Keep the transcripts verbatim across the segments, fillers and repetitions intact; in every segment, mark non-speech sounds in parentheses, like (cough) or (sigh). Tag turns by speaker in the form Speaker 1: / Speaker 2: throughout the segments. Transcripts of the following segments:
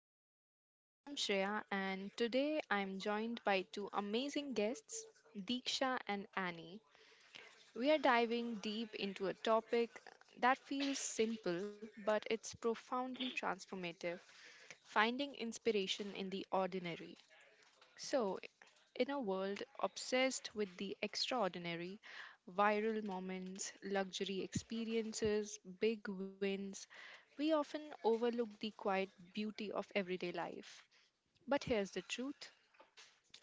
Speaker 1: Things. I am Shreya and today I am joined by two amazing guests, Deeksha and Annie. We are diving deep into a topic that feels simple but it's profoundly transformative finding inspiration in the ordinary. So, in a world obsessed with the extraordinary, viral moments, luxury experiences, big wins, we often overlook the quiet beauty of everyday life. But here's the truth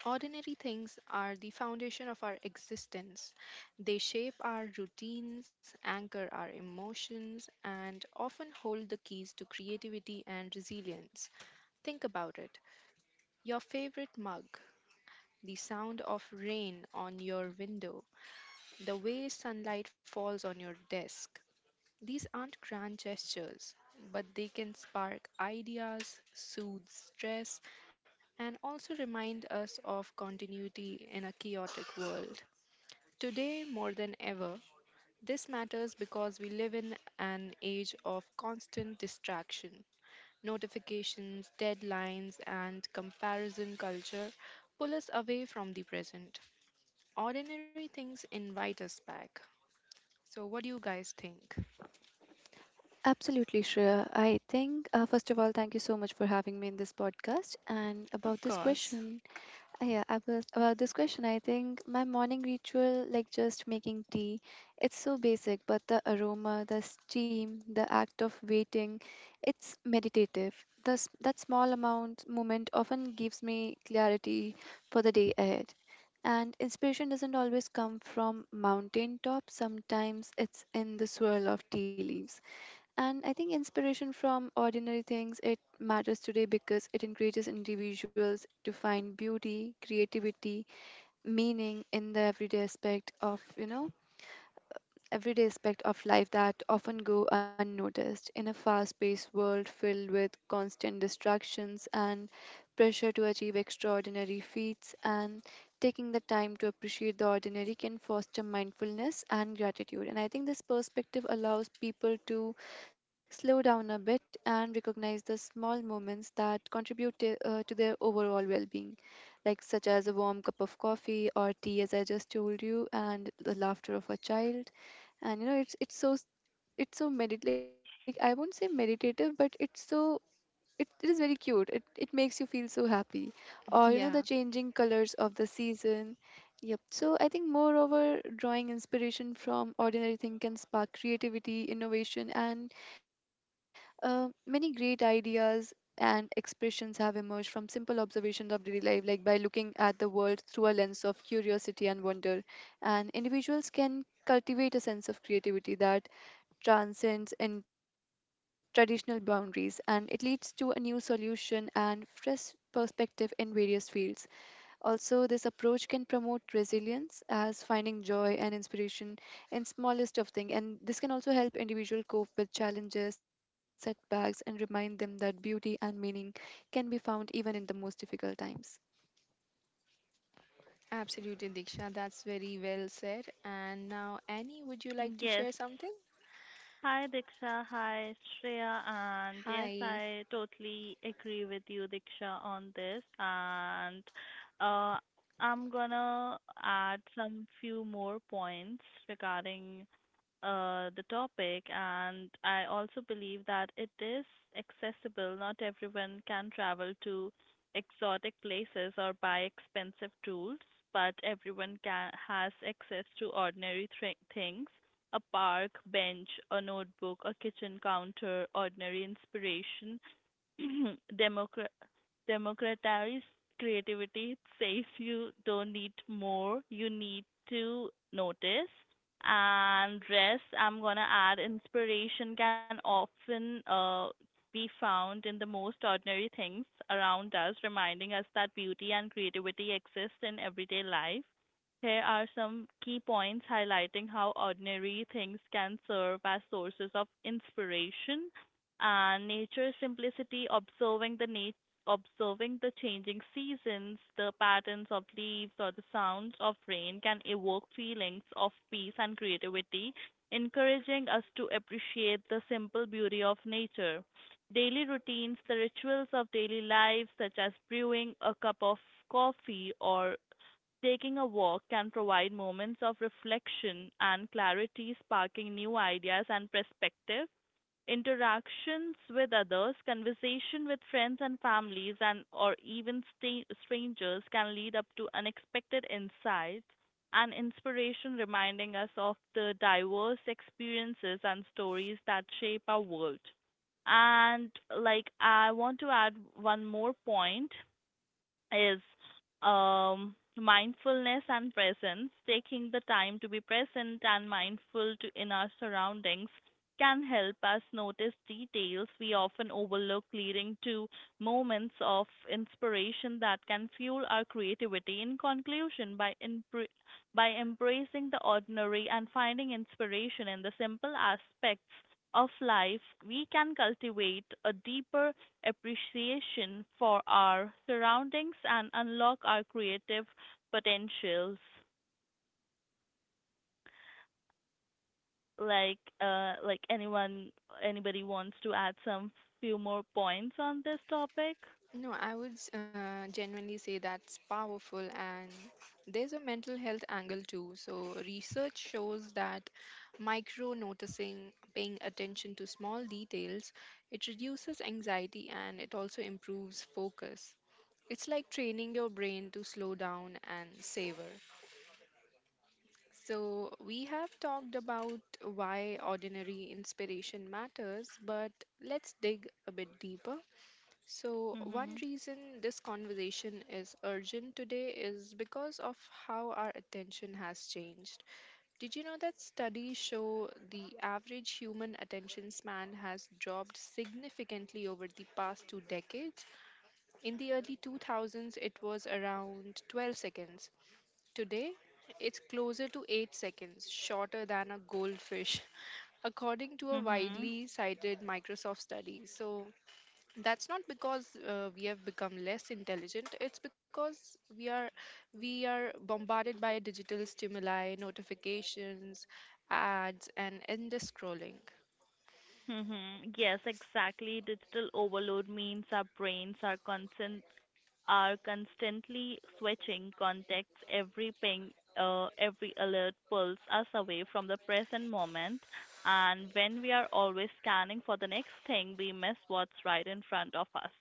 Speaker 1: ordinary things are the foundation of our existence. They shape our routines, anchor our emotions, and often hold the keys to creativity and resilience. Think about it your favorite mug, the sound of rain on your window, the way sunlight falls on your desk. These aren't grand gestures, but they can spark ideas, soothe stress, and also remind us of continuity in a chaotic world. Today, more than ever, this matters because we live in an age of constant distraction. Notifications, deadlines, and comparison culture pull us away from the present. Ordinary things invite us back. So, what do you guys think?
Speaker 2: Absolutely, Shreya. I think, uh, first of all, thank you so much for having me in this podcast. And
Speaker 1: Of
Speaker 2: about this
Speaker 1: course.
Speaker 2: question, uh, yeah, I was, About this question, I think my morning ritual, like just making tea, it's so basic, but the aroma, the steam, the act of waiting, it's meditative. The, s- that small amount moment often gives me clarity for the day ahead. And inspiration doesn't always come from mountain top. Sometimes it's in the swirl of tea leaves. And I think inspiration from ordinary things it matters today because it encourages individuals to find beauty, creativity, meaning in the everyday aspect of, you know, everyday aspect of life that often go unnoticed in a fast-paced world filled with constant distractions and pressure to achieve extraordinary feats, and taking the time to appreciate the ordinary can foster mindfulness and gratitude. And I think this perspective allows people to slow down a bit and recognize the small moments that contribute to, uh, to their overall well-being, like such as a warm cup of coffee or tea as I just told you, and the laughter of a child. And you know it's it's so s- it's so medit like, I won't say meditative, but it's so, it, it is very cute. It it makes you feel so happy, or you know, the
Speaker 1: Yeah,
Speaker 2: changing colors of the season. Yep. So I think moreover, drawing inspiration from ordinary thing can spark creativity, innovation, and uh, many great ideas and expressions have emerged from simple observations of daily life, like by looking at the world through a lens of curiosity and wonder. And individuals can cultivate a sense of creativity that transcends in traditional boundaries, and it leads to a new solution and fresh perspective in various fields. Also, this approach can promote resilience as finding joy and inspiration in smallest of things, and this can also help individual cope with challenges, setbacks, and remind them that beauty and meaning can be found even in the most difficult times.
Speaker 1: absolutely, Diksha. That's very well said. And now, Annie, would you like to
Speaker 3: Yes.
Speaker 1: share something?
Speaker 3: Hi, Diksha. Hi, Shreya. And yes,
Speaker 1: Hi.
Speaker 3: I totally agree with you, Diksha, on this. And uh, I'm gonna add some few more points regarding uh, the topic, and I also believe that it is accessible. Not everyone can travel to exotic places or buy expensive tools, but everyone can has access to ordinary thri things. A park bench, a notebook, a kitchen counter, ordinary inspiration, (clears throat) Democra- democratize creativity. It says you don't need more, you need to notice. And rest, I'm gonna add inspiration can often uh, be found in the most ordinary things around us, reminding us that beauty and creativity exist in everyday life. Here are some key points highlighting how ordinary things can serve as sources of inspiration, and nature's simplicity: observing the nat- observing the changing seasons, the patterns of leaves or the sounds of rain can evoke feelings of peace and creativity, encouraging us to appreciate the simple beauty of nature. Daily routines, the rituals of daily life such as brewing a cup of coffee or taking a walk, can provide moments of reflection and clarity, sparking new ideas and perspective. Interactions with others, conversation with friends and families, and or even sta- strangers can lead up to unexpected insights and inspiration, reminding us of the diverse experiences and stories that shape our world. And like, I want to add one more point is um, mindfulness and presence. Taking the time to be present and mindful to in our surroundings can help us notice details we often overlook, leading to moments of inspiration that can fuel our creativity. In conclusion, by empre- by embracing the ordinary and finding inspiration in the simple aspects of life, we can cultivate a deeper appreciation for our surroundings and unlock our creative potentials. Like, uh, like anyone, anybody wants to add some few more points on this topic?
Speaker 1: No, I would uh, genuinely say that's powerful, and there's a mental health angle too. So, research shows that micro noticing, paying attention to small details, it reduces anxiety and it also improves focus. It's like training your brain to slow down and savor. So, we have talked about why ordinary inspiration matters, but let's dig a bit deeper. So, one
Speaker 3: Mhm.
Speaker 1: reason this conversation is urgent today is because of how our attention has changed. Did you know that studies show the average human attention span has dropped significantly over the past two decades? In the early two thousands, it was around twelve seconds. Today, it's closer to eight seconds, shorter than a goldfish, (laughs) according to a
Speaker 3: Mhm.
Speaker 1: widely cited Microsoft study. So, that's not because uh, we have become less intelligent, it's because we are we are bombarded by digital stimuli, notifications, ads and endless scrolling.
Speaker 3: Mhm. Yes, exactly. Digital overload means our brains are constant are constantly switching contexts. Every ping, uh, every alert pulls us away from the present moment. And when we are always scanning for the next thing, we miss what's right in front of us.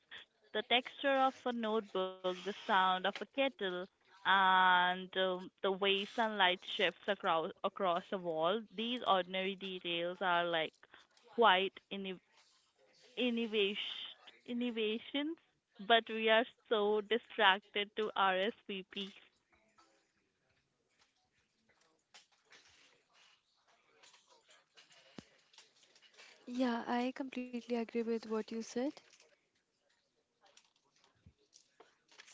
Speaker 3: The texture of a notebook, the sound of a kettle, and um, the way sunlight shifts across across a wall. These ordinary details are like quite in innovation, innovations, but we are so distracted to R S V P.
Speaker 2: Yeah, I completely agree with what you said.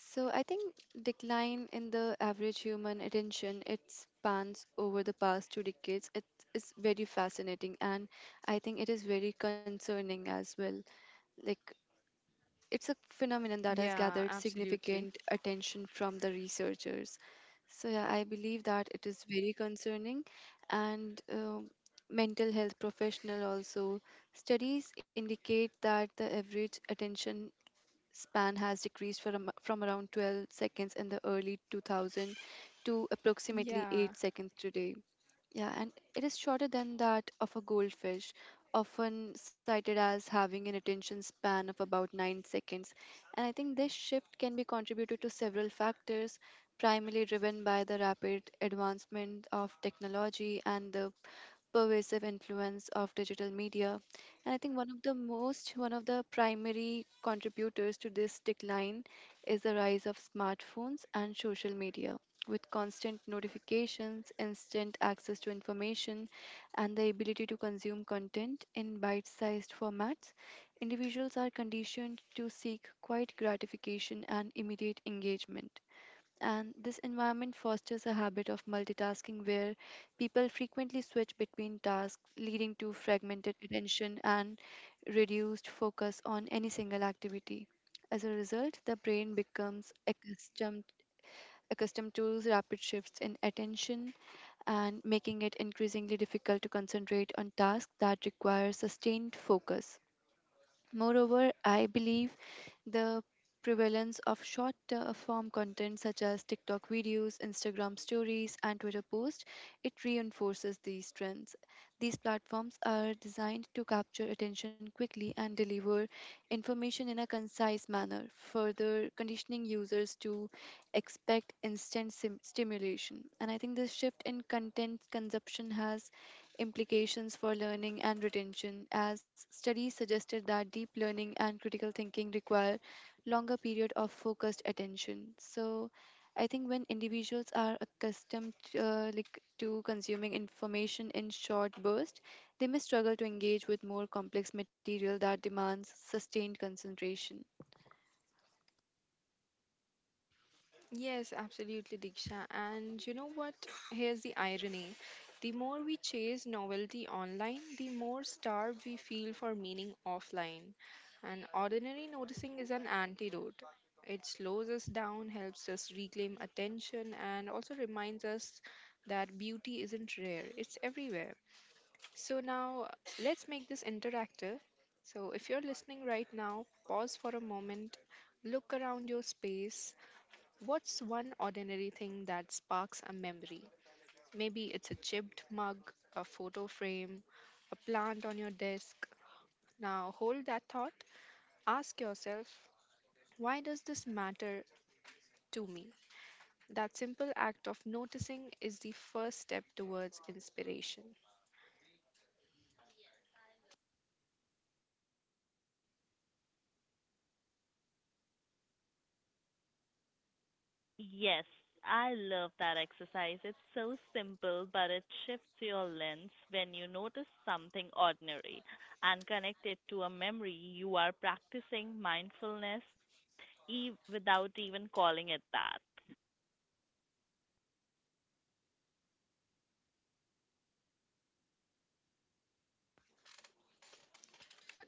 Speaker 2: So I think decline in the average human attention it spans over the past two decades. It is very fascinating, and I think it is very concerning as well. Like, it's a phenomenon that has
Speaker 1: Yeah,
Speaker 2: gathered
Speaker 1: absolutely.
Speaker 2: significant attention from the researchers. So, yeah, I believe that it is very concerning. And um mental health professional also studies indicate that the average attention span has decreased from, from around twelve seconds in the early two thousand to approximately
Speaker 1: Yeah.
Speaker 2: eight seconds today. Yeah, and it is shorter than that of a goldfish, often cited as having an attention span of about nine seconds. And I think this shift can be contributed to several factors, primarily driven by the rapid advancement of technology and the pervasive influence of digital media. And I think one of the most, one of the primary contributors to this decline is the rise of smartphones and social media. With constant notifications, instant access to information, and the ability to consume content in bite sized formats, individuals are conditioned to seek quiet gratification and immediate engagement, and this environment fosters a habit of multitasking where people frequently switch between tasks, leading to fragmented attention and reduced focus on any single activity. As a result, the brain becomes accustomed accustomed to rapid shifts in attention, and making it increasingly difficult to concentrate on tasks that require sustained focus. Moreover, I believe the prevalence of short uh, form content such as TikTok videos, Instagram stories, and Twitter posts, it reinforces these trends. These platforms are designed to capture attention quickly and deliver information in a concise manner, further conditioning users to expect instant sim- stimulation. And I think this shift in content consumption has implications for learning and retention, as studies suggested that deep learning and critical thinking require longer period of focused attention. So, I think when individuals are accustomed uh, like to consuming information in short bursts, they may struggle to engage with more complex material that demands sustained concentration.
Speaker 1: Yes, absolutely, Diksha. And you know what? Here's the irony. The more we chase novelty online, the more starved we feel for meaning offline. And ordinary noticing is an antidote. It slows us down, helps us reclaim attention, and also reminds us that beauty isn't rare, it's everywhere. So, now uh, let's make this interactive. So, if you're listening right now, pause for a moment, look around your space. What's one ordinary thing that sparks a memory? Maybe it's a chipped mug, a photo frame, a plant on your desk. Now hold that thought. Ask yourself, why does this matter to me? That simple act of noticing is the first step towards inspiration.
Speaker 3: Yes, I love that exercise. It's so simple, but it shifts your lens. When you notice something ordinary and connect it to a memory, you are practicing mindfulness e- without even calling it that.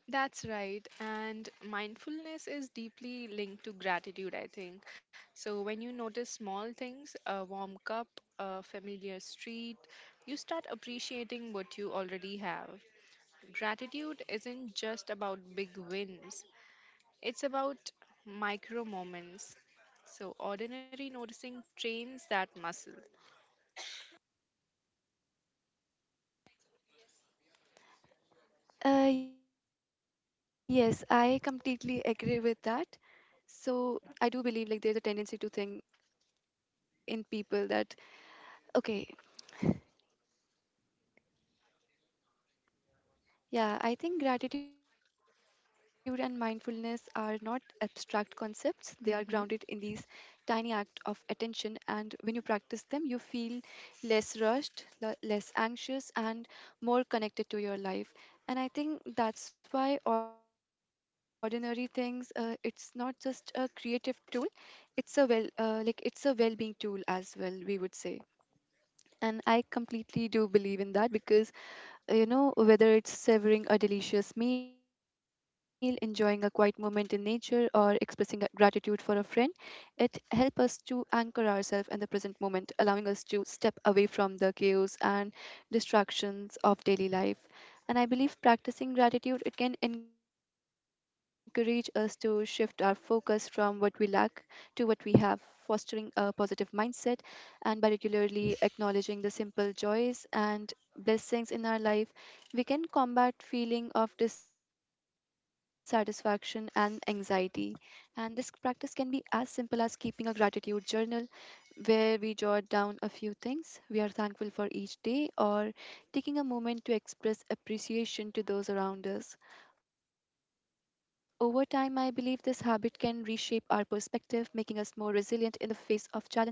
Speaker 1: That's right. And mindfulness is deeply linked to gratitude, I think. So when you notice small things, a warm cup, a familiar street, you start appreciating what you already have. Gratitude isn't just about big wins, it's about micro moments. So, ordinary noticing trains that muscle.
Speaker 2: Uh, yes, I completely agree with that. So I do believe like there is a tendency to think in people that okay, yeah, I think gratitude and mindfulness are not abstract concepts. They are grounded in these
Speaker 1: hmm
Speaker 2: tiny act of attention, and when you practice them you feel less rushed, le- less anxious and more connected to your life. And I think that's why ordinary things uh, it's not just a creative tool, it's a well uh, like it's a well-being tool as well, we would say. And I completely do believe in that because uh, you know, whether it's savoring a delicious meal, enjoying a quiet moment in nature, or expressing grat- gratitude for a friend, it helps us to anchor ourselves in the present moment, allowing us to step away from the chaos and distractions of daily life. And I believe practicing gratitude it can encourage us to shift our focus from what we lack to what we have, fostering a positive mindset, and by regularly acknowledging the simple joys and blessings in our life, we can combat feeling of dissatisfaction and anxiety. And this practice can be as simple as keeping a gratitude journal where we jot down a few things we are thankful for each day, or taking a moment to express appreciation to those around us. Over time, I believe this habit can reshape our perspective, making us more resilient in the face of challenges.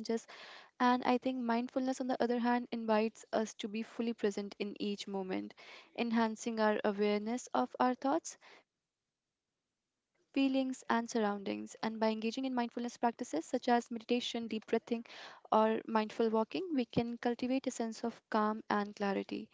Speaker 2: And I think mindfulness, on the other hand, invites us to be fully present in each moment, enhancing our awareness of our thoughts, feelings, and surroundings. And by engaging in mindfulness practices such as meditation, deep breathing, or mindful walking, we can cultivate a sense of calm and clarity,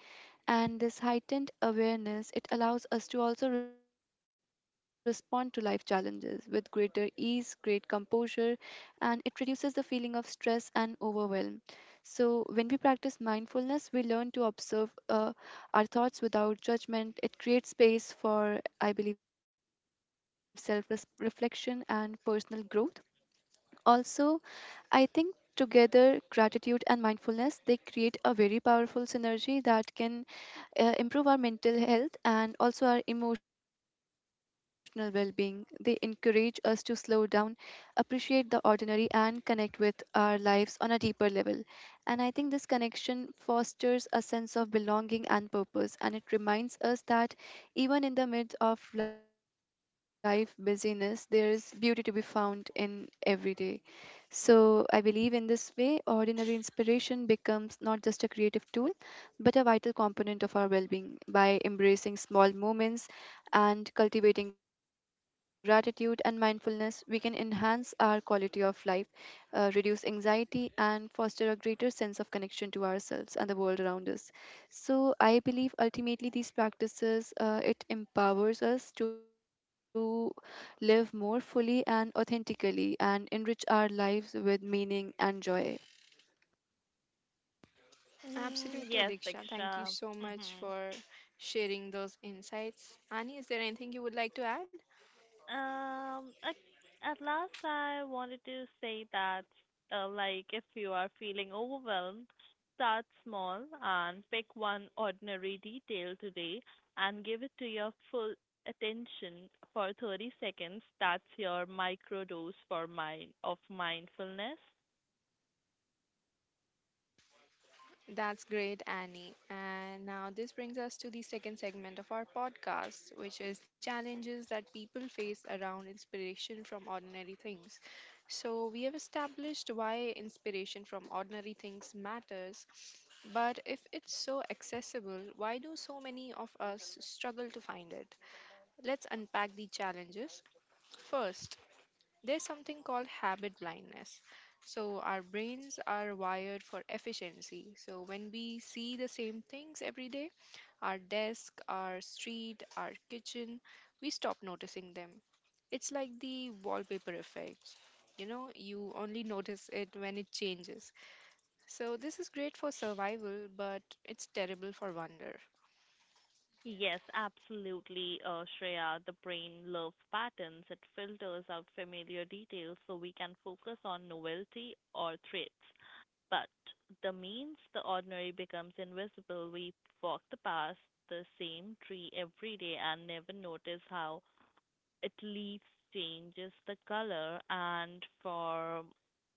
Speaker 2: and this heightened awareness it allows us to also respond to life challenges with greater ease, great composure, and it reduces the feeling of stress and overwhelm. So when we practice mindfulness we learn to observe uh, our thoughts without judgment. It creates space for I believe self reflection and personal growth. Also, I think together gratitude and mindfulness they create a very powerful synergy that can uh, improve our mental health and also our emotional well-being. They encourage us to slow down, appreciate the ordinary, and connect with our lives on a deeper level. And I think this connection fosters a sense of belonging and purpose, and it reminds us that even in the midst of life busyness there is beauty to be found in every day. So I believe in this way, ordinary inspiration becomes not just a creative tool, but a vital component of our well being. By embracing small moments and cultivating gratitude and mindfulness, we can enhance our quality of life, uh, reduce anxiety, and foster a greater sense of connection to ourselves and the world around us. So I believe ultimately these practices uh, it empowers us to live more fully and authentically, and enrich our lives with meaning and joy.
Speaker 3: Mm,
Speaker 1: Absolutely,
Speaker 3: yes,
Speaker 1: Diksha. Thank you
Speaker 3: Diksha.
Speaker 1: so much
Speaker 3: Mm-hmm.
Speaker 1: for sharing those insights. Annie, is there anything you would like to add?
Speaker 3: Um, at, at last, I wanted to say that, uh, like, if you are feeling overwhelmed, start small and pick one ordinary detail today and give it to your full attention for thirty seconds. That's your microdose for mind of mindfulness.
Speaker 1: That's great, Annie. And now this brings us to the second segment of our podcast, which is challenges that people face around inspiration from ordinary things. So, we have established why inspiration from ordinary things matters, but if it's so accessible, why do so many of us struggle to find it? Let's unpack the challenges. First, there's something called habit blindness. So, our brains are wired for efficiency. So, when we see the same things every day, our desk, our street, our kitchen, we stop noticing them. It's like the wallpaper effect. You know, you only notice it when it changes. So, this is great for survival, but it's terrible for wonder.
Speaker 3: Yes, absolutely, uh, Shreya. The brain loves patterns. It filters out familiar details so we can focus on novelty or threats. But the means, the ordinary becomes invisible. We walk the past the same tree every day and never notice how it leaves changes the color. And for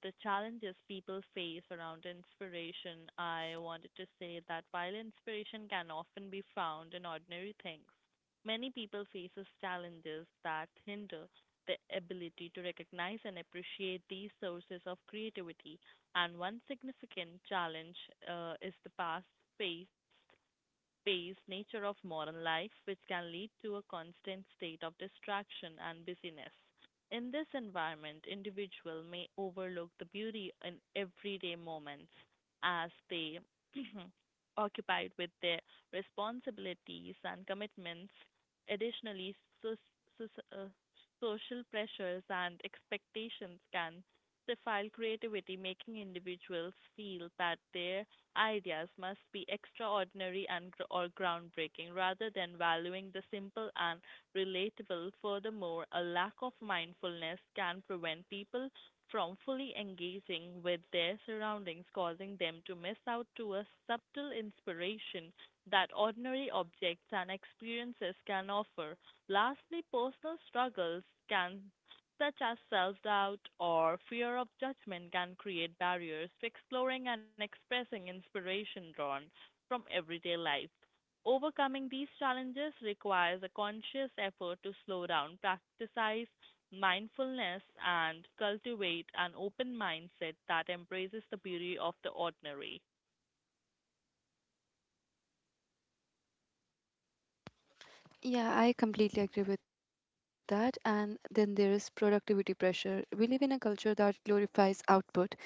Speaker 3: the challenges people face around inspiration, I wanted to say that while inspiration can often be found in ordinary things, many people faces challenges that hinder the ability to recognize and appreciate these sources of creativity. And one significant challenge, uh, is the past faced based nature of modern life, which can lead to a constant state of distraction and busyness. In this environment, individual may overlook the beauty in everyday moments as they (clears throat) occupied with their responsibilities and commitments. Additionally, so, so, uh, social pressures and expectations can stifle creativity, making individuals feel that their ideas must be extraordinary and gr- or groundbreaking rather than valuing the simple and relatable. Furthermore, a lack of mindfulness can prevent people from fully engaging with their surroundings, causing them to miss out to a subtle inspiration that ordinary objects and experiences can offer. Lastly, personal struggles can such as self doubt or fear of judgment, can create barriers to exploring and expressing inspiration drawn from everyday life. Overcoming these challenges requires a conscious effort to slow down, practice mindfulness, and cultivate an open mindset that embraces the beauty of the ordinary.
Speaker 2: Yeah, I completely agree with that. And then there is productivity pressure. We live in a culture that glorifies output.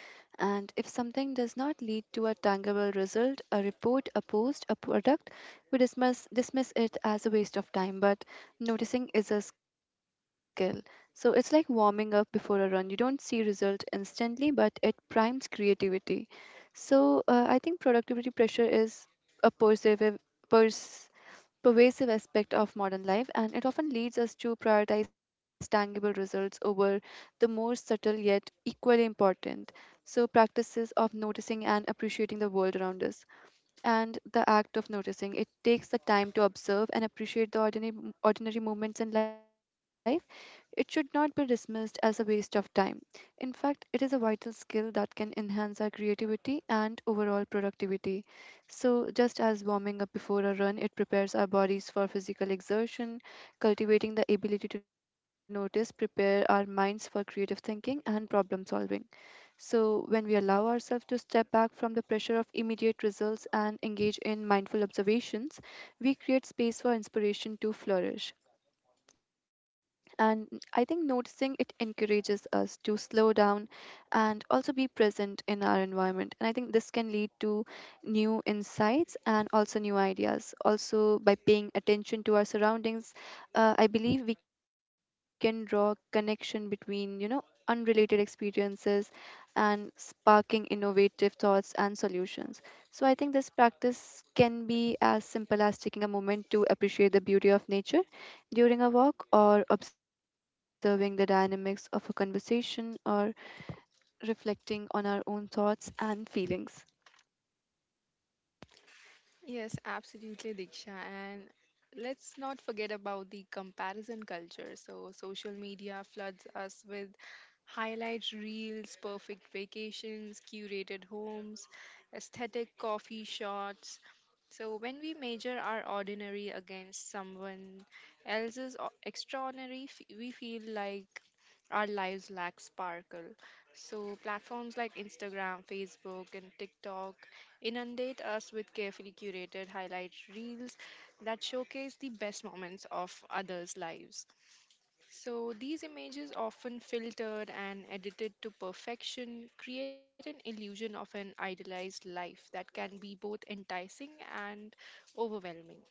Speaker 2: And if something does not lead to a tangible result, a report, a post, a product, we dismiss, dismiss it as a waste of time. But noticing is a skill. So it's like warming up before a run. You don't see result instantly, but it primes creativity. So uh, I think productivity pressure is a pervasive, pervasive aspect of modern life, and it often leads us to prioritize tangible results over the more subtle yet equally important. So, practices of noticing and appreciating the world around us, and the act of noticing. It takes the time to observe and appreciate the ordinary, ordinary moments in life. It should not be dismissed as a waste of time. In fact, it is a vital skill that can enhance our creativity and overall productivity. So, just as warming up before a run, it prepares our bodies for physical exertion, cultivating the ability to notice, prepare our minds for creative thinking and problem solving. So, when we allow ourselves to step back from the pressure of immediate results and engage in mindful observations, we create space for inspiration to flourish. And I think noticing it encourages us to slow down and also be present in our environment. And I think this can lead to new insights and also new ideas. Also, by paying attention to our surroundings, uh, I believe we can draw connection between, you know, unrelated experiences and sparking innovative thoughts and solutions. So I think this practice can be as simple as taking a moment to appreciate the beauty of nature during a walk, or observing the dynamics of a conversation, or reflecting on our own thoughts and feelings.
Speaker 1: Yes, absolutely, Diksha. And let's not forget about the comparison culture. So, social media floods us with highlight reels, perfect vacations, curated homes, aesthetic coffee shots. So, when we measure our ordinary against someone else's o- extraordinary, f- we feel like our lives lack sparkle. So, platforms like Instagram, Facebook, and TikTok inundate us with carefully curated highlight reels that showcase the best moments of others' lives. So, these images, often filtered and edited to perfection, create an illusion of an idealized life that can be both enticing and overwhelming.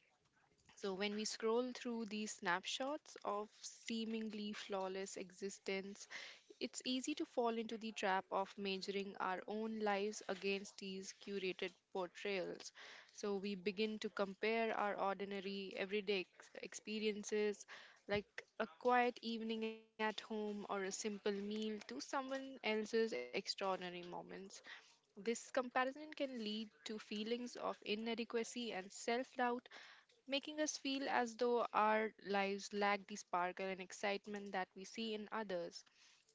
Speaker 1: So, when we scroll through these snapshots of seemingly flawless existence, it's easy to fall into the trap of measuring our own lives against these curated portrayals. So we begin to compare our ordinary, everyday ex- experiences, like a quiet evening at home or a simple meal, to someone else's extraordinary moments. This comparison can lead to feelings of inadequacy and self doubt, making us feel as though our lives lack the sparkle and excitement that we see in others.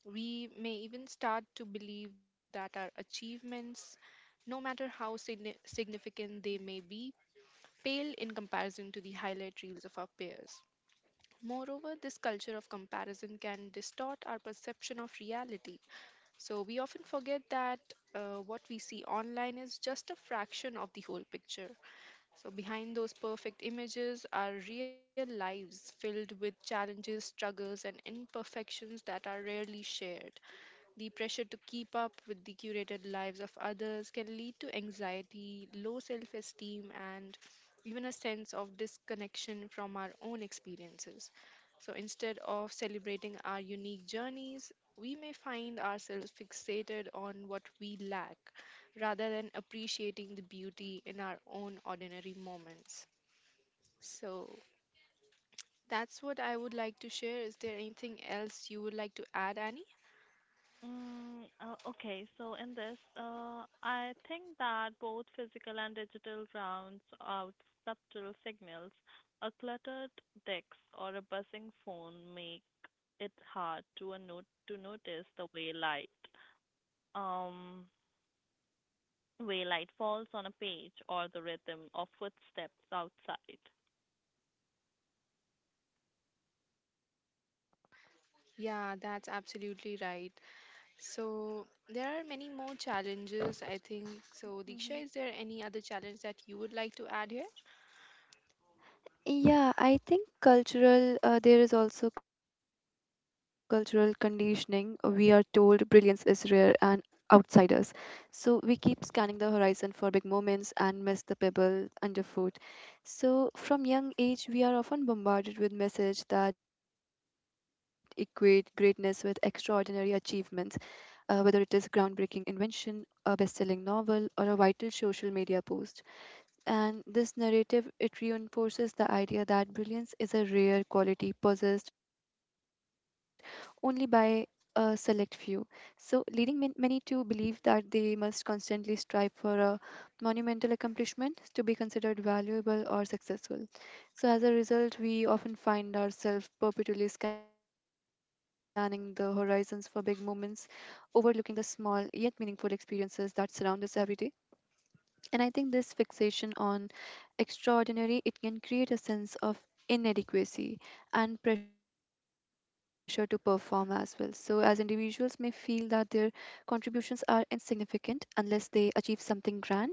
Speaker 1: We may even start to believe that our achievements, no matter how signi- significant they may be, pale in comparison to the highlight reels of our peers. Moreover, this culture of comparison can distort our perception of reality. So, we often forget that uh, what we see online is just a fraction of the whole picture. So, behind those perfect images are real lives filled with challenges, struggles, and imperfections that are rarely shared. The pressure to keep up with the curated lives of others can lead to anxiety, low self esteem, and even a sense of disconnection from our own experiences. So instead of celebrating our unique journeys, we may find ourselves fixated on what we lack rather than appreciating the beauty in our own ordinary moments. So that's what I would like to share. Is there anything else you would like to add, Annie?
Speaker 3: Mm, uh, okay, so in this, uh, I think that both physical and digital rounds out subtle signals. A cluttered desk or a buzzing phone make it hard to a note to notice the way light, um, way light falls on a page or the rhythm of footsteps outside.
Speaker 1: Yeah, that's absolutely right. So there are many more challenges, I think. So
Speaker 3: Mhm.
Speaker 1: Diksha, is there any other challenge that you would like to add here?
Speaker 2: Yeah, I think cultural, uh, there is also cultural conditioning. We are told brilliance is rare and outsiders. So we keep scanning the horizon for big moments and miss the pebble underfoot. So from young age, we are often bombarded with messages that equate greatness with extraordinary achievements, uh, whether it is groundbreaking invention, a best-selling novel, or a vital social media post. And this narrative it reinforces the idea that brilliance is a rare quality possessed only by a select few. So leading man- many to believe that they must constantly strive for a monumental accomplishment to be considered valuable or successful. So as a result, we often find ourselves perpetually scanning the horizons for big moments, overlooking the small yet meaningful experiences that surround us every day. And I think this fixation on extraordinary it can create a sense of inadequacy and pressure to perform as well. So as individuals may feel that their contributions are insignificant unless they achieve something grand,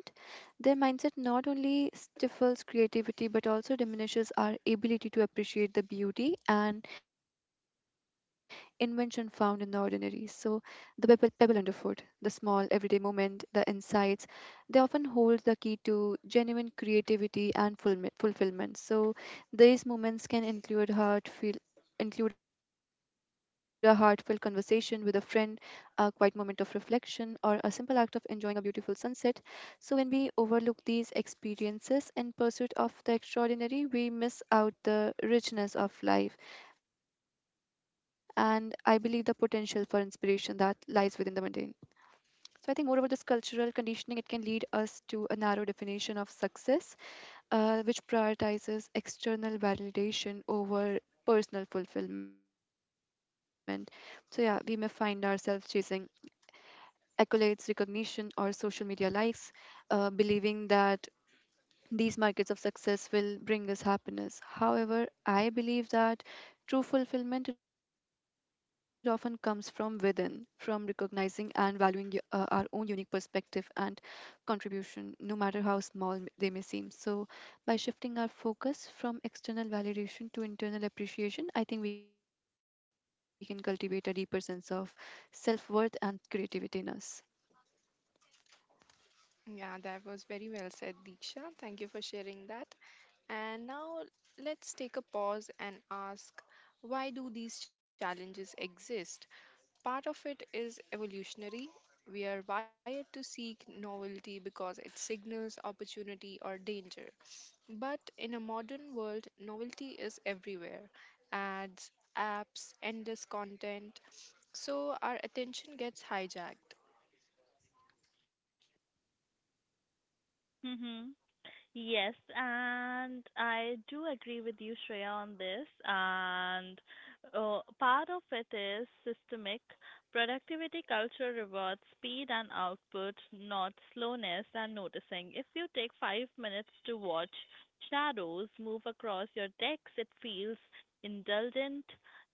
Speaker 2: their mindset not only stifles creativity but also diminishes our ability to appreciate the beauty and invention found in the ordinary. So the pebble, pebble underfoot, the small everyday moment, the insights they often hold the key to genuine creativity and fulmi- fulfillment. So these moments can include heartfelt include a heartfelt conversation with a friend, a quiet moment of reflection, or a simple act of enjoying a beautiful sunset. So, when we overlook these experiences in pursuit of the extraordinary, we miss out the richness of life, and I believe the potential for inspiration that lies within the mundane. So I think moreover this cultural conditioning it can lead us to a narrow definition of success, uh, which prioritizes external validation over personal fulfillment. So yeah, we may find ourselves chasing accolades, recognition or social media likes, uh, believing that these markets of success will bring us happiness. However, I believe that true fulfillment it often comes from within, from recognizing and valuing y- uh, our own unique perspective and contribution, no matter how small they may seem. So, by shifting our focus from external validation to internal appreciation, I think we can cultivate a deeper sense of self worth and creativity in us.
Speaker 1: Yeah, that was very well said, Diksha. Thank you for sharing that. And now let's take a pause and ask, why do these challenges exist? Part of it is evolutionary. We are wired to seek novelty because it signals opportunity or danger. But in a modern world, novelty is everywhere, ads, apps, endless content. So our attention gets hijacked.
Speaker 3: Mhm. Yes, and I do agree with you, Shreya, on this. And uh, part of it is systemic. Productivity culture rewards speed and output, not slowness and noticing. If you take five minutes to watch shadows move across your decks, it feels indulgent,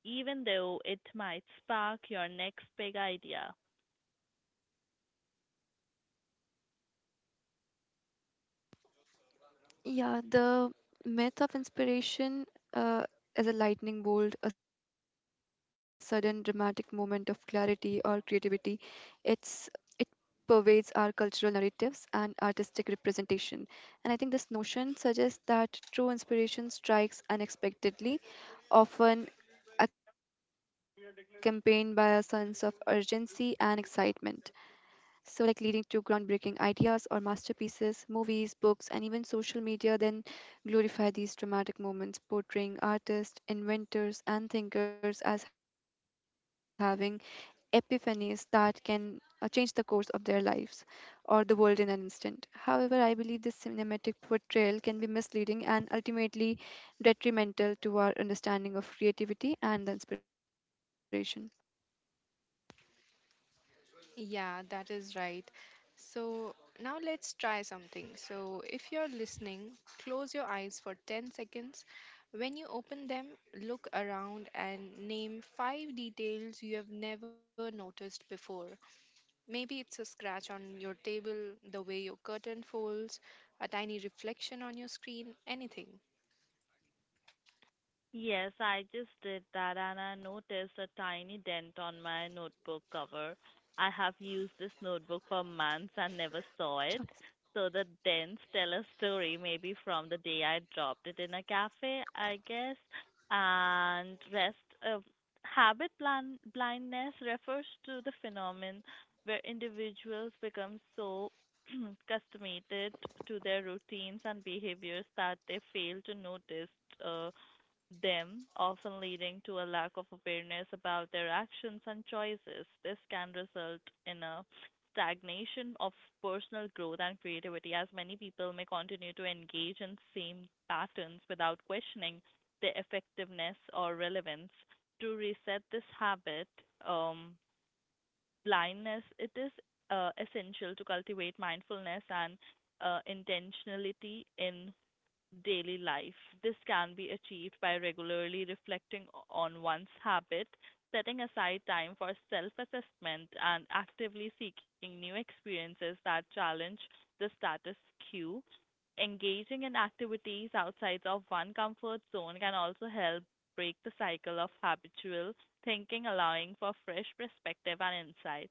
Speaker 3: even though it might spark your next big idea.
Speaker 2: Yeah, the myth of inspiration uh, is a lightning bolt, a sudden dramatic moment of clarity or creativity. It's it pervades our cultural narratives and artistic representation. And I think this notion suggests that true inspiration strikes unexpectedly, often accompanied by a sense of urgency and excitement. So, like leading to groundbreaking ideas or masterpieces, movies, books, and even social media then glorify these dramatic moments, portraying artists, inventors, and thinkers as having epiphanies that can uh, change the course of their lives or the world in an instant. However, I believe this cinematic portrayal can be misleading and ultimately detrimental to our understanding of creativity and the inspiration.
Speaker 1: Yeah, that is right. So now let's try something. So if you're listening, close your eyes for ten seconds. When you open them, look around and name five details you have never noticed before. Maybe it's a scratch on your table, the way your curtain folds, a tiny reflection on your screen, anything.
Speaker 3: Yes, I just did that and I noticed a tiny dent on my notebook cover. I have used this notebook for months and never
Speaker 2: Charles.
Speaker 3: saw it. So the dents tell a story, maybe from the day I dropped it in a cafe, I guess. And rest of habit blind, blindness refers to the phenomenon where individuals become so (clears throat) accustomed to their routines and behaviors that they fail to notice uh, them, often leading to a lack of awareness about their actions and choices. This can result in a stagnation of personal growth and creativity, as many people may continue to engage in same patterns without questioning their effectiveness or relevance. To reset this habit, um, blindness, it is uh, essential to cultivate mindfulness and uh, intentionality in daily life. This can be achieved by regularly reflecting o- on one's habit, setting aside time for self assessment, and actively seeking new experiences that challenge the status quo. Engaging in activities outside of one comfort zone can also help break the cycle of habitual thinking, allowing for fresh perspective and insight,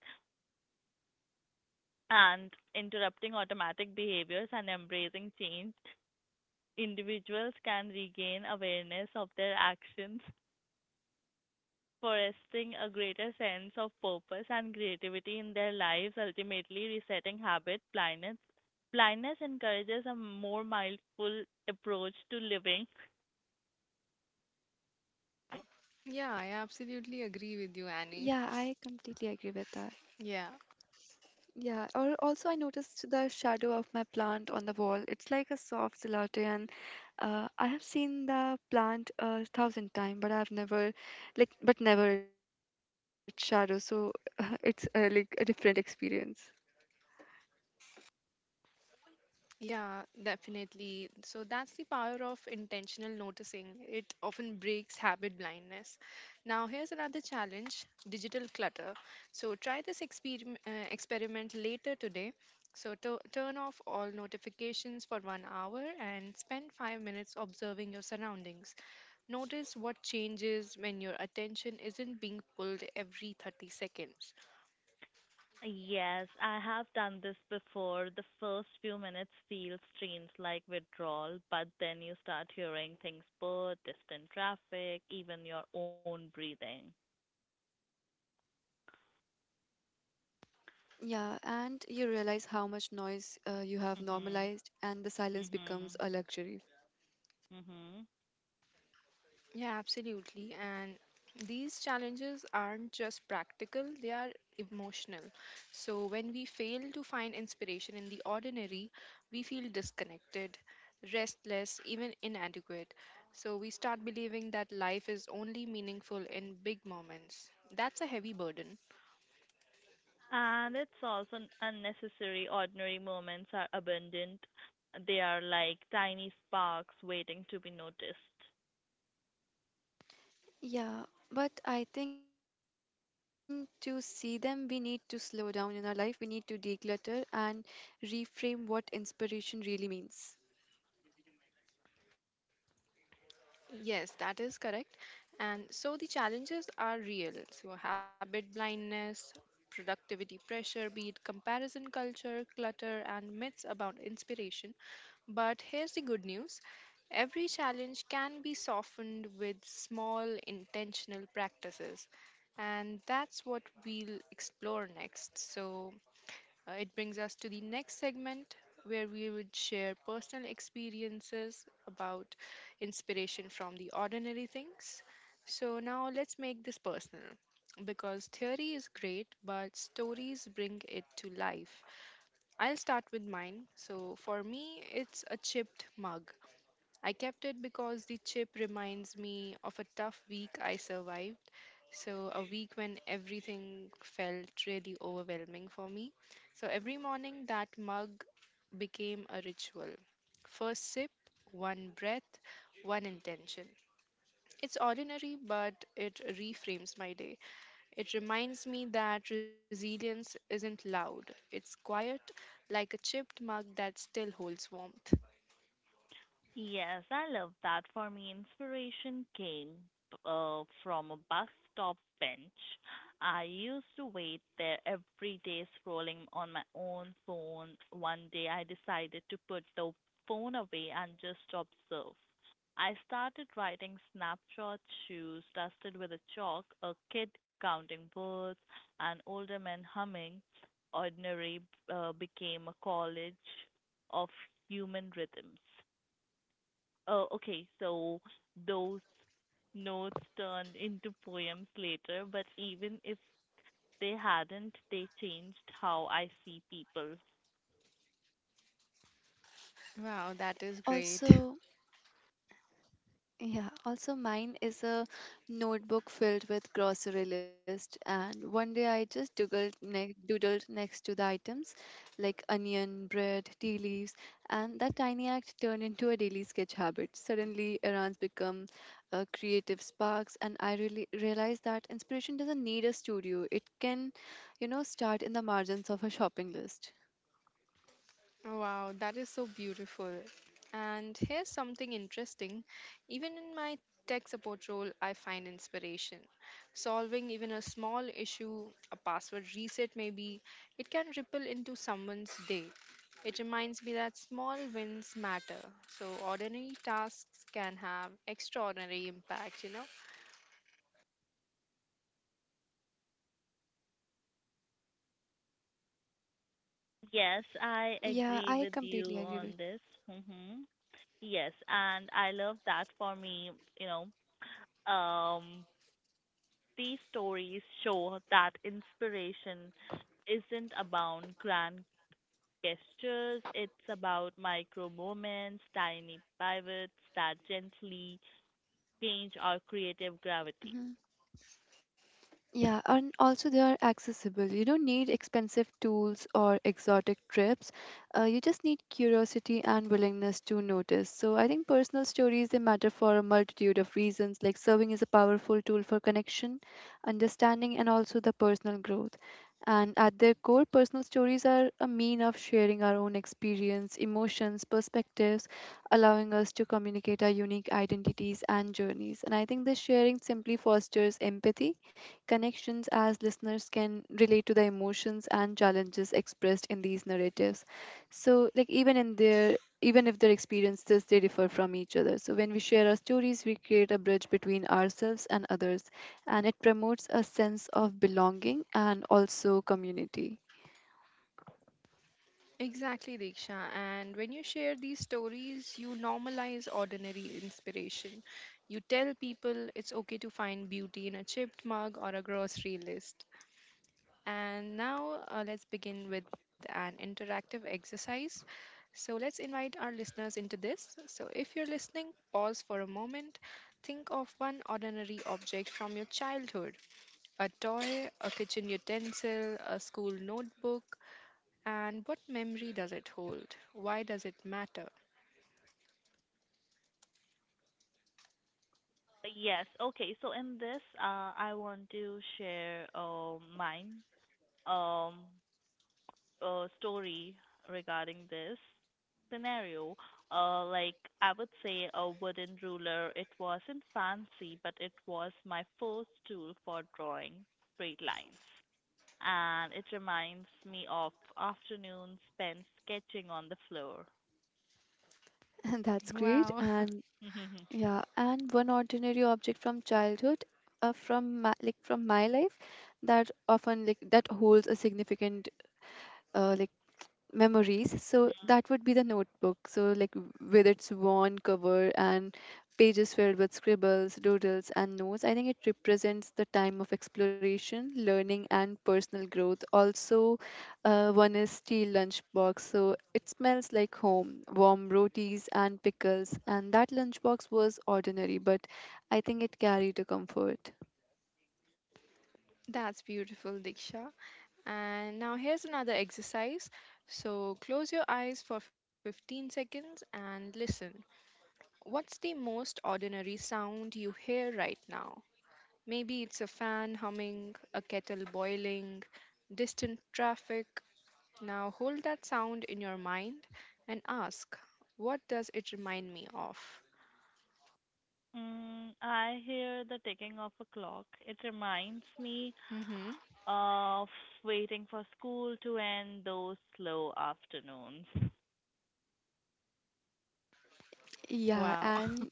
Speaker 3: and interrupting automatic behaviors and embracing change individuals can regain awareness of their actions, fostering a greater sense of purpose and creativity in their lives, ultimately resetting habit blindness. Blindness encourages a more mindful approach to living.
Speaker 1: Yeah, I absolutely agree with
Speaker 2: Yeah,
Speaker 1: you,
Speaker 2: I
Speaker 1: Annie.
Speaker 2: completely agree with that.
Speaker 1: Yeah,
Speaker 2: Yeah, or also I noticed the shadow of my plant on the wall. It's like a soft gelatin. and, Uh, I have seen the plant a thousand times, but I've never, like, but never its shadow. So (laughs) it's uh, like a different experience.
Speaker 1: yeah, definitely. So that's the power of intentional noticing. It often breaks habit blindness. Now, here's another challenge digital clutter. So try this experiment, uh, experiment later today. So to- turn off all notifications for one hour and spend five minutes observing your surroundings. Notice what changes when your attention isn't being pulled every thirty seconds.
Speaker 3: Yes, I have done this before. The first few minutes feel strange, like withdrawal, but then you start hearing things: bird, distant traffic, even your own breathing.
Speaker 2: Yeah, and you realize how much noise uh, you have
Speaker 3: Mhm.
Speaker 2: normalized, and the silence becomes
Speaker 3: Mhm.
Speaker 2: a luxury.
Speaker 3: Mhm.
Speaker 1: Yeah, absolutely. And these challenges aren't just practical, they are emotional. So when we fail to find inspiration in the ordinary, we feel disconnected, restless, even inadequate. So we start believing that life is only meaningful in big moments. That's a heavy burden.
Speaker 3: And it's also n- unnecessary. Ordinary moments are abundant. They are like tiny sparks waiting to be noticed.
Speaker 2: Yeah, but I think to see them, we need to slow down in our life. We need to declutter and reframe what inspiration really means.
Speaker 1: Yes, that is correct. And so the challenges are real. So, habit blindness, productivity pressure, be it comparison culture, clutter, and myths about inspiration. But here's the good news, every challenge can be softened with small intentional practices. And that's what we'll explore next. So, uh, it brings us to the next segment where we would share personal experiences about inspiration from the ordinary things. So now let's make this personal because theory is great, but stories bring it to life. I'll start with mine. So for me, it's a chipped mug. I kept it because the chip reminds me of a tough week I survived. So, a week when everything felt really overwhelming for me. So, every morning that mug became a ritual. First sip, one breath, one intention. It's ordinary, but it reframes my day. It reminds me that resilience isn't loud, it's quiet, like a chipped mug that still holds warmth.
Speaker 3: Yes, I love that. For me, inspiration came uh, from a bus stop bench. I used to wait there every day scrolling on my own phone. One day I decided to put the phone away and just observe. I started writing snapshots: shoes dusted with a chalk, a kid counting birds, an older man humming. Ordinary uh, became a college of human rhythms. Oh, okay. So those notes turned into poems later, but even if they hadn't, they changed how I see people.
Speaker 1: Wow, that is great.
Speaker 2: Also, Yeah, also mine is a notebook filled with grocery list and one day I just doodled, ne- doodled next to the items like onion, bread, tea leaves, and that tiny act turned into a daily sketch habit. Suddenly errands become uh, creative sparks and I really realized that inspiration doesn't need a studio. It can, you know, start in the margins of a shopping list.
Speaker 1: Oh, wow, that is so beautiful. And here's something interesting. Even in my tech support role, I find inspiration. Solving even a small issue, a password reset maybe, it can ripple into someone's day. It reminds me that small wins matter. So ordinary tasks can have extraordinary impact, you know?
Speaker 3: Yes, I agree
Speaker 2: Yeah,
Speaker 3: with
Speaker 2: I
Speaker 3: you
Speaker 2: completely
Speaker 3: on
Speaker 2: agree with.
Speaker 3: this. hmm Yes, and I love that. For me, you know, um, these stories show that inspiration isn't about grand gestures, it's about micro moments, tiny pivots that gently change our creative gravity.
Speaker 2: Mhm. Yeah, and also they are accessible. You don't need expensive tools or exotic trips. Uh, you just need curiosity and willingness to notice. So I think personal stories they matter for a multitude of reasons. Like serving is a powerful tool for connection, understanding, and also the personal growth. And at their core, personal stories are a mean of sharing our own experience, emotions, perspectives, allowing us to communicate our unique identities and journeys. And I think this sharing simply fosters empathy connections as listeners can relate to the emotions and challenges expressed in these narratives. So like even in their even if their experiences they differ from each other. So when we share our stories we create a bridge between ourselves and others, and it promotes a sense of belonging and also community.
Speaker 1: Exactly, Diksha. And when you share these stories, you normalize ordinary inspiration. You tell people it's okay to find beauty in a chipped mug or a grocery list. And now uh, let's begin with an interactive exercise. So let's invite our listeners into this. So if you're listening, pause for a moment. Think of one ordinary object from your childhood, a toy, a kitchen utensil, a school notebook, and what memory does it hold? Why does it matter?
Speaker 3: Yes, okay. So in this, uh, I want to share uh, mine um uh, story regarding this scenario. Uh, like, I would say a wooden ruler. It wasn't fancy, but it was my first tool for drawing straight lines. And it reminds me of afternoons spent sketching on the floor.
Speaker 2: (laughs) And that's great.
Speaker 1: Wow. (laughs)
Speaker 2: And yeah, and one ordinary object from childhood, uh, from my, like from my life, that often like that holds a significant uh, like memories, so
Speaker 3: (laughs)
Speaker 2: that would be the notebook. So like w- with its worn cover and pages filled with scribbles, doodles and notes, I think it represents the time of exploration, learning and personal growth. Also, uh, one is steel lunchbox, so it smells like home, warm rotis and pickles, and that lunchbox was ordinary but I think it carried a comfort.
Speaker 1: That's beautiful, Diksha. And now here's another exercise. So close your eyes for fifteen seconds and listen. What's the most ordinary sound you hear right now? Maybe it's a fan humming, a kettle boiling, distant traffic. Now hold that sound in your mind and ask, what does it remind me of?
Speaker 3: Mm, I hear the ticking of a clock. It reminds me
Speaker 1: Hmm.
Speaker 3: of waiting for school to end, those slow afternoons.
Speaker 2: Yeah,
Speaker 1: Wow.
Speaker 2: and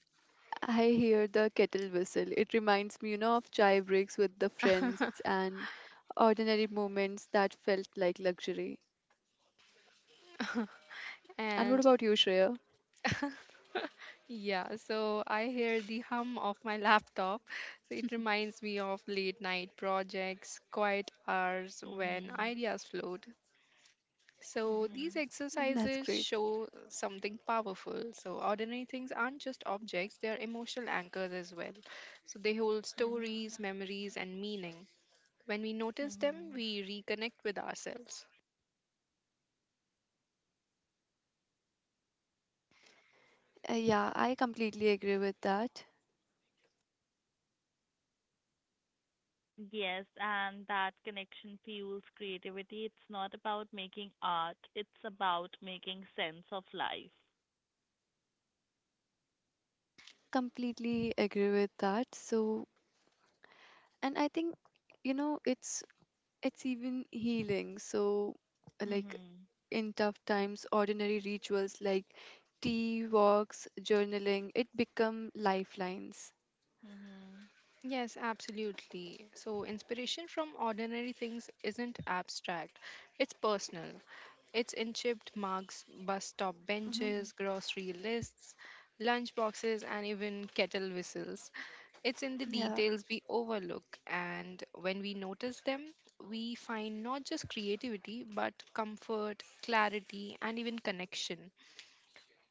Speaker 2: I hear the kettle whistle. It reminds me, you know, of chai breaks with the friends and ordinary moments that felt like luxury.
Speaker 1: (laughs)
Speaker 2: And what
Speaker 1: And
Speaker 2: about you, Shreya?
Speaker 1: (laughs) yeah, so I hear the hum of my laptop. So it reminds me of late night projects, quiet hours when
Speaker 3: Mhm.
Speaker 1: ideas float. So these
Speaker 3: Mhm.
Speaker 1: exercises
Speaker 2: That's great.
Speaker 1: show something powerful. So ordinary things aren't just objects, they are emotional anchors as well. So they hold
Speaker 3: Mhm.
Speaker 1: stories, memories, and meaning. When we notice them,
Speaker 3: Mhm.
Speaker 1: we reconnect with ourselves.
Speaker 2: Uh, yeah, I completely agree with that.
Speaker 3: Yes, and that connection fuels creativity. It's not about making art, it's about making sense of life.
Speaker 2: Completely agree with that. So, and I think, you know, it's it's even healing. So, uh, like
Speaker 3: Mhm.
Speaker 2: in tough times, ordinary rituals like tea, walks, journaling, it become lifelines.
Speaker 3: Mhm.
Speaker 1: Yes, absolutely. So, inspiration from ordinary things isn't abstract, it's personal. It's in chipped mugs, bus stop
Speaker 2: Hmm.
Speaker 3: Mhm.
Speaker 1: benches, grocery lists, lunch boxes, and even kettle whistles. It's in the
Speaker 2: Yeah.
Speaker 1: details we overlook, and when we notice them, we find not just creativity but comfort, clarity, and even connection.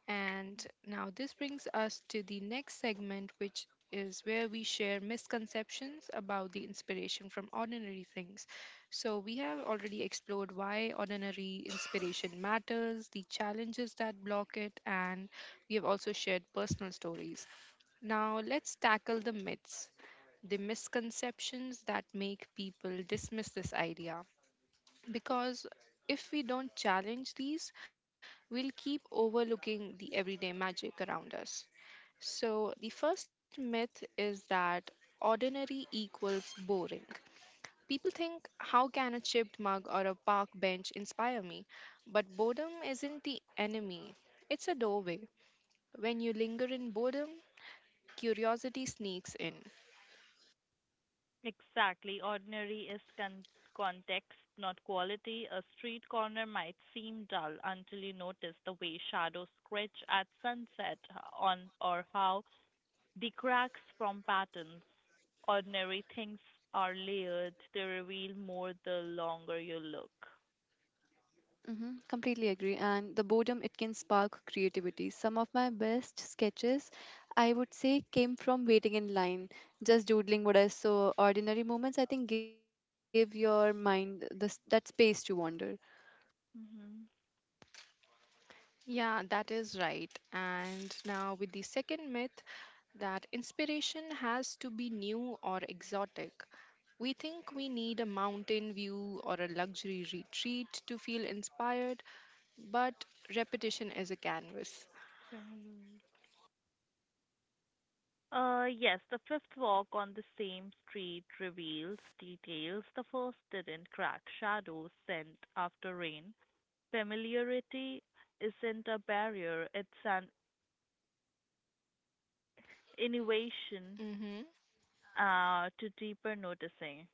Speaker 1: And now this brings us to the next segment, which is where we share misconceptions about the inspiration from ordinary things. So, we have already explored why ordinary inspiration matters, the challenges that block it, and we have also shared personal stories. Now, let's tackle the myths, the misconceptions that make people dismiss this idea. Because if we don't challenge these, we'll keep overlooking the everyday magic around us. So, the first myth is that ordinary equals boring. People think, how can a chipped mug or a park bench inspire me? But boredom isn't the enemy, it's a doorway. When you linger in boredom, curiosity sneaks in.
Speaker 3: Exactly. Ordinary is con- context, not quality. A street corner might seem dull until you notice the way shadows scratch at sunset on, or how the cracks from patterns. Ordinary things are layered. They reveal more the longer you look.
Speaker 2: Hmm. Completely agree. And the boredom, it can spark creativity. Some of my best sketches, I would say, came from waiting in line, just doodling what I saw. Ordinary moments, I think, give your mind the, s- that space to wander.
Speaker 3: hmm
Speaker 1: Yeah, that is right. And now, with the second myth that inspiration has to be new or exotic. We think we need a mountain view or a luxury retreat to feel inspired, but repetition is a canvas.
Speaker 3: Uh, yes, the fifth walk on the same street reveals details the first didn't: crack shadows sent after rain. Familiarity isn't a barrier, it's an innovation
Speaker 1: Hmm.
Speaker 3: uh, to deeper noticing.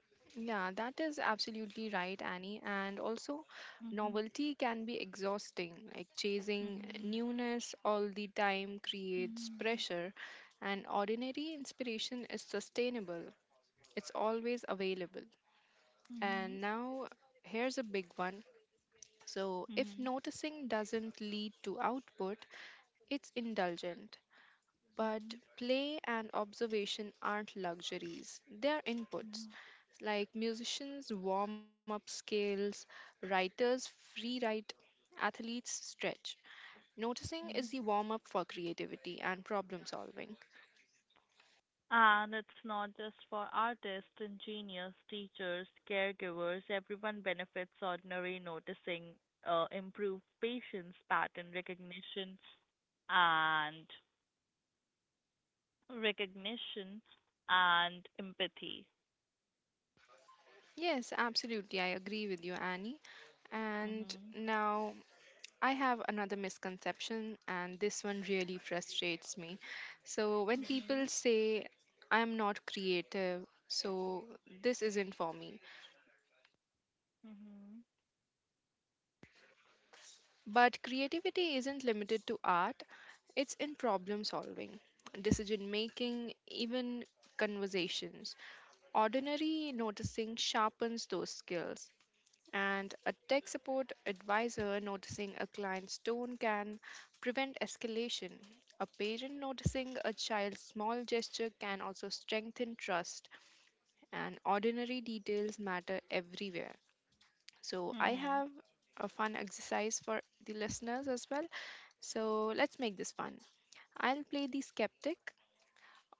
Speaker 1: Yeah, that is absolutely right, Annie. And also,
Speaker 3: Mhm.
Speaker 1: novelty can be exhausting. Like chasing
Speaker 3: Mhm.
Speaker 1: newness all the time creates
Speaker 3: Mhm.
Speaker 1: pressure, and ordinary inspiration is sustainable, it's always available.
Speaker 3: Mhm.
Speaker 1: And now, here's a big one. So, if
Speaker 3: Mhm.
Speaker 1: noticing doesn't lead to output, it's indulgent. But
Speaker 3: Mhm.
Speaker 1: play and observation aren't luxuries, they are inputs.
Speaker 3: Mhm.
Speaker 1: Like musicians warm up scales, writers free write, athletes stretch. Noticing is the
Speaker 3: Mhm.
Speaker 1: warm up for creativity and problem solving.
Speaker 3: And it's not just for artists, engineers, teachers, caregivers. Everyone benefits ordinary noticing, uh, improved patience, pattern recognition, and recognition and empathy.
Speaker 1: Yes, absolutely, I agree with you, Annie. And
Speaker 3: Mm-hmm.
Speaker 1: now I have another misconception, and this one really frustrates me. So, when people
Speaker 3: Mhm.
Speaker 1: say, I'm not creative, so this isn't for me.
Speaker 3: Mhm.
Speaker 1: But creativity isn't limited to art, it's in problem solving, decision making, even conversations. Ordinary noticing sharpens those skills, and a tech support advisor noticing a client's tone can prevent escalation. A parent noticing a child's small gesture can also strengthen trust, and ordinary details matter everywhere. So I
Speaker 3: Mhm.
Speaker 1: have a fun exercise for the listeners as well. So let's make this fun. I'll play the skeptic.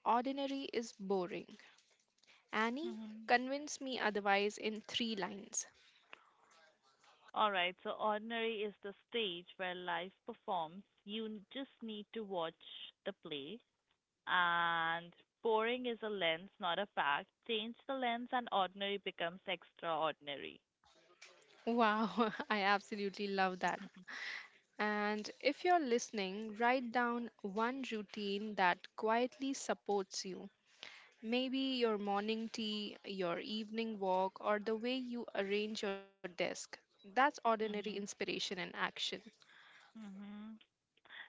Speaker 1: Ordinary is boring. Annie,
Speaker 3: Mhm.
Speaker 1: convince me otherwise in three lines.
Speaker 3: All right. So ordinary is the stage where life performs. You n- just need to watch the play. And boring is a lens, not a fact. Change the lens, and ordinary becomes extraordinary.
Speaker 1: Wow, (laughs) I absolutely love that.
Speaker 3: (laughs)
Speaker 1: And if you're listening, write down one routine that quietly supports you. Maybe your morning tea, your evening walk, or the way you arrange your desk. That's ordinary
Speaker 3: Mhm.
Speaker 1: inspiration in action.
Speaker 3: Mhm.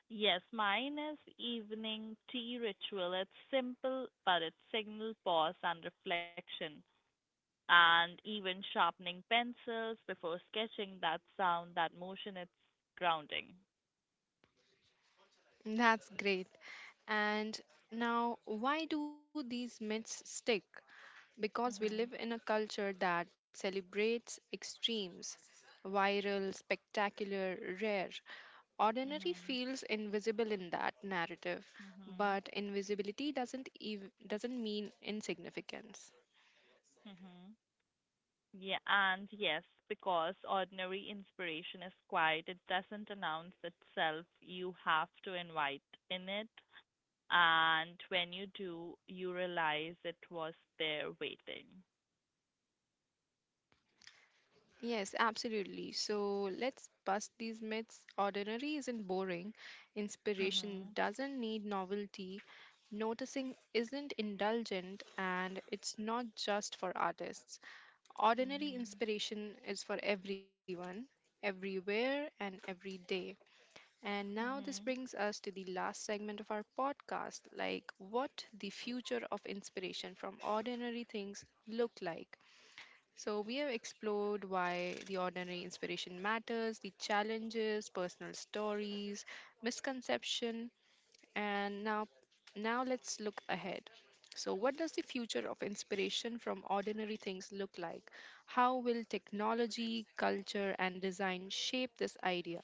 Speaker 3: Yes, mine is evening tea ritual. It's simple, but it signals pause and reflection. And even sharpening pencils before sketching, that sound, that motion, it's grounding.
Speaker 1: That's great. And now, why do these myths stick? Because we
Speaker 3: Mhm.
Speaker 1: live in a culture that celebrates extremes, viral, spectacular, rare. Ordinary
Speaker 3: Mhm.
Speaker 1: feels invisible in that narrative,
Speaker 3: Mhm.
Speaker 1: but invisibility doesn't ev- doesn't mean insignificance.
Speaker 3: Mhm. Yeah, and yes, because ordinary inspiration is quiet. It doesn't announce itself, you have to invite in it, and when you do you realize it was there waiting.
Speaker 1: Yes, absolutely. So let's bust these myths. Ordinary isn't boring. Inspiration
Speaker 3: Mhm.
Speaker 1: doesn't need novelty. Noticing isn't indulgent, and it's not just for artists. Ordinary
Speaker 3: Mhm.
Speaker 1: inspiration is for everyone, everywhere, and every day. And now
Speaker 3: Mhm.
Speaker 1: this brings us to the last segment of our podcast, like what the future of inspiration from ordinary things look like. So, we have explored why the ordinary inspiration matters, the challenges, personal stories, misconception, and now now let's look ahead. So, what does the future of inspiration from ordinary things look like? How will technology, culture, and design shape this idea?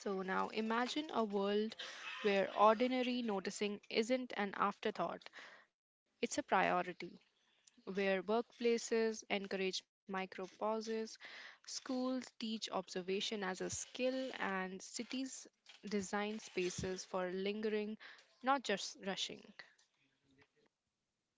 Speaker 1: So, now imagine a world where ordinary noticing isn't an afterthought, it's a priority, where workplaces encourage micro pauses, schools teach observation as a skill, and cities design spaces for lingering, not just rushing.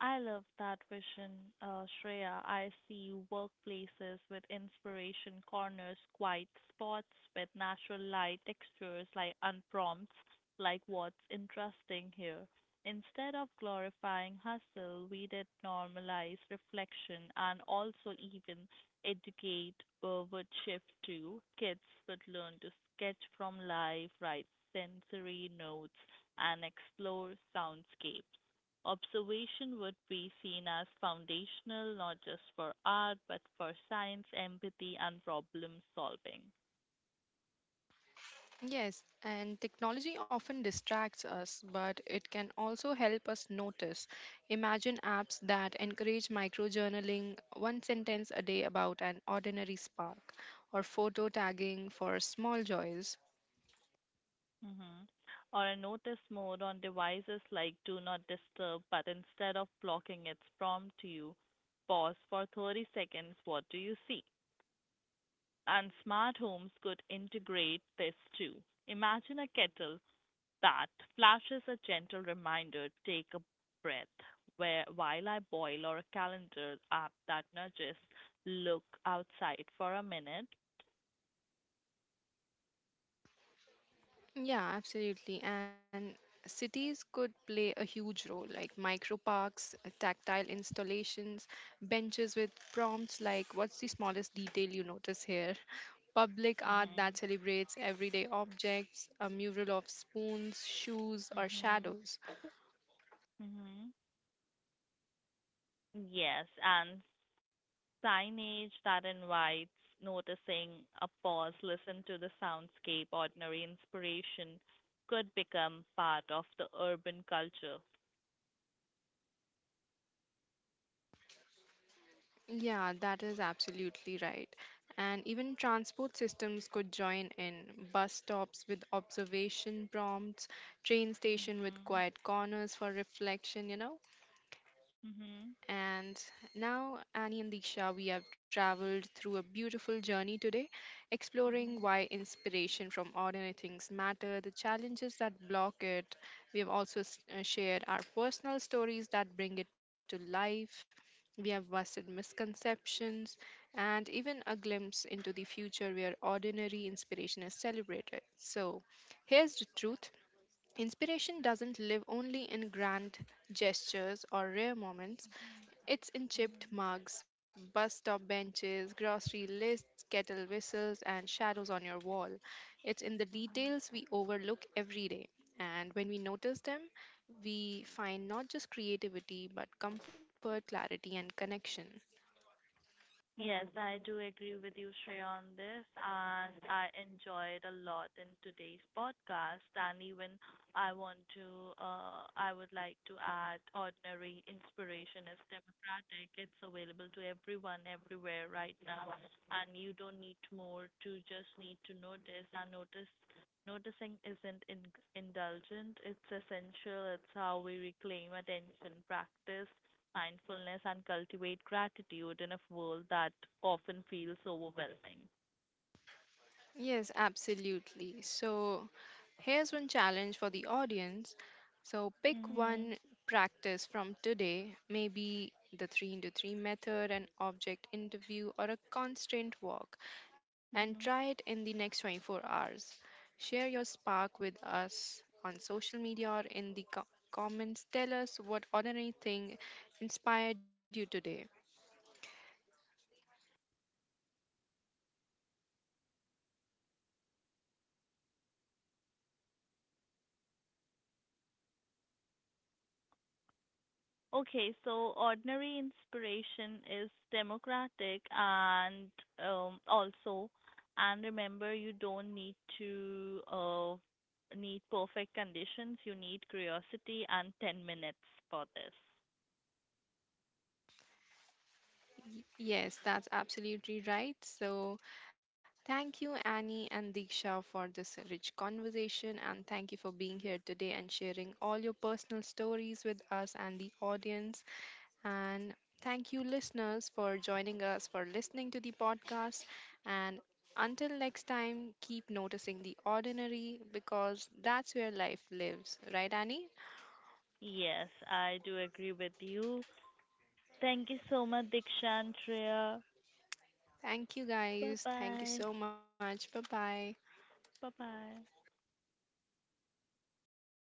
Speaker 3: I love that vision, uh, Shreya. I see workplaces with inspiration corners, quiet spots with natural light textures, like unprompts, like what's interesting here. Instead of glorifying hustle, we did normalize reflection and also even educate uh, would shift too. Kids would learn to sketch from life, write sensory notes, and explore soundscapes. Observation would be seen as foundational, not just for art but for science, empathy, and problem solving.
Speaker 1: Yes, and technology often distracts us, but it can also help us notice. Imagine apps that encourage micro journaling, one sentence a day about an ordinary spark, or photo tagging for small joys.
Speaker 3: hmm Or a notice mode on devices like Do Not Disturb, but instead of blocking, its prompt to you, pause for thirty seconds, what do you see? And smart homes could integrate this too. Imagine a kettle that flashes a gentle reminder, take a breath where while I boil, or a calendar app that nudges look outside for a minute.
Speaker 1: Yeah, absolutely. And cities could play a huge role, like micro parks, uh, tactile installations, benches with prompts like, what's the smallest detail you notice here? (laughs) Public art that
Speaker 3: Mhm.
Speaker 1: celebrates everyday objects, a mural of spoons, shoes, or
Speaker 3: Mhm.
Speaker 1: shadows.
Speaker 3: Mhm. Yes, and signage that invites noticing, a pause, listen to the soundscape, ordinary inspiration could become part of the urban culture.
Speaker 1: Yeah, that is absolutely right. And even transport systems could join in, bus stops with observation prompts, train station with
Speaker 3: Mhm.
Speaker 1: quiet corners for reflection, you know?
Speaker 3: Mhm.
Speaker 1: And now, Annie and Disha, we have traveled through a beautiful journey today, exploring
Speaker 3: Mhm.
Speaker 1: why inspiration from ordinary things matter, the challenges that block it. We have also s- uh, shared our personal stories that bring it to life. We have busted misconceptions and even a glimpse into the future where ordinary inspiration is celebrated. So, here's the truth. Inspiration doesn't live only in grand gestures or rare moments. It's in
Speaker 3: Mhm.
Speaker 1: chipped mugs, bus stop benches, grocery lists, kettle whistles, and shadows on your wall. It's in the details we overlook every day. And when we notice them, we find not just creativity, but comfort, clarity, and connection.
Speaker 3: Yes, I do agree with you, Shreya, on this, and I enjoyed a lot in today's podcast. And even I want to, uh, I would like to add, ordinary inspiration is democratic. It's available to everyone, everywhere, right now, and you don't need more. To just need to notice, and notice, noticing isn't in- indulgent. It's essential. It's how we reclaim attention. Practice mindfulness and cultivate gratitude in a world that often feels overwhelming.
Speaker 1: Yes, absolutely. So, here's one challenge for the audience. So, pick
Speaker 3: Mhm.
Speaker 1: one practice from today, maybe the three into three method, an object interview, or a constant walk, and try it
Speaker 3: Mhm.
Speaker 1: in the next twenty-four hours. Share your spark with us on social media or in the co- comments. Tell us what ordinary thing inspired you today.
Speaker 3: Okay, so ordinary inspiration is democratic and um, also, and remember, you don't need to uh, need perfect conditions. You need curiosity and ten minutes for this.
Speaker 1: Yes, that's absolutely right. So, thank you, Annie and Diksha, for this rich conversation. And thank you for being here today and sharing all your personal stories with us and the audience. And thank you, listeners, for joining us, for listening to the podcast. And until next time, keep noticing the ordinary because that's where life lives. Right, Annie?
Speaker 3: Yes, I do agree with you. Thank you so much, Diksha and Shreya.
Speaker 1: Thank you,
Speaker 3: Bye
Speaker 1: guys. Thank you
Speaker 3: bye.
Speaker 1: so much. Bye bye.
Speaker 3: Bye bye.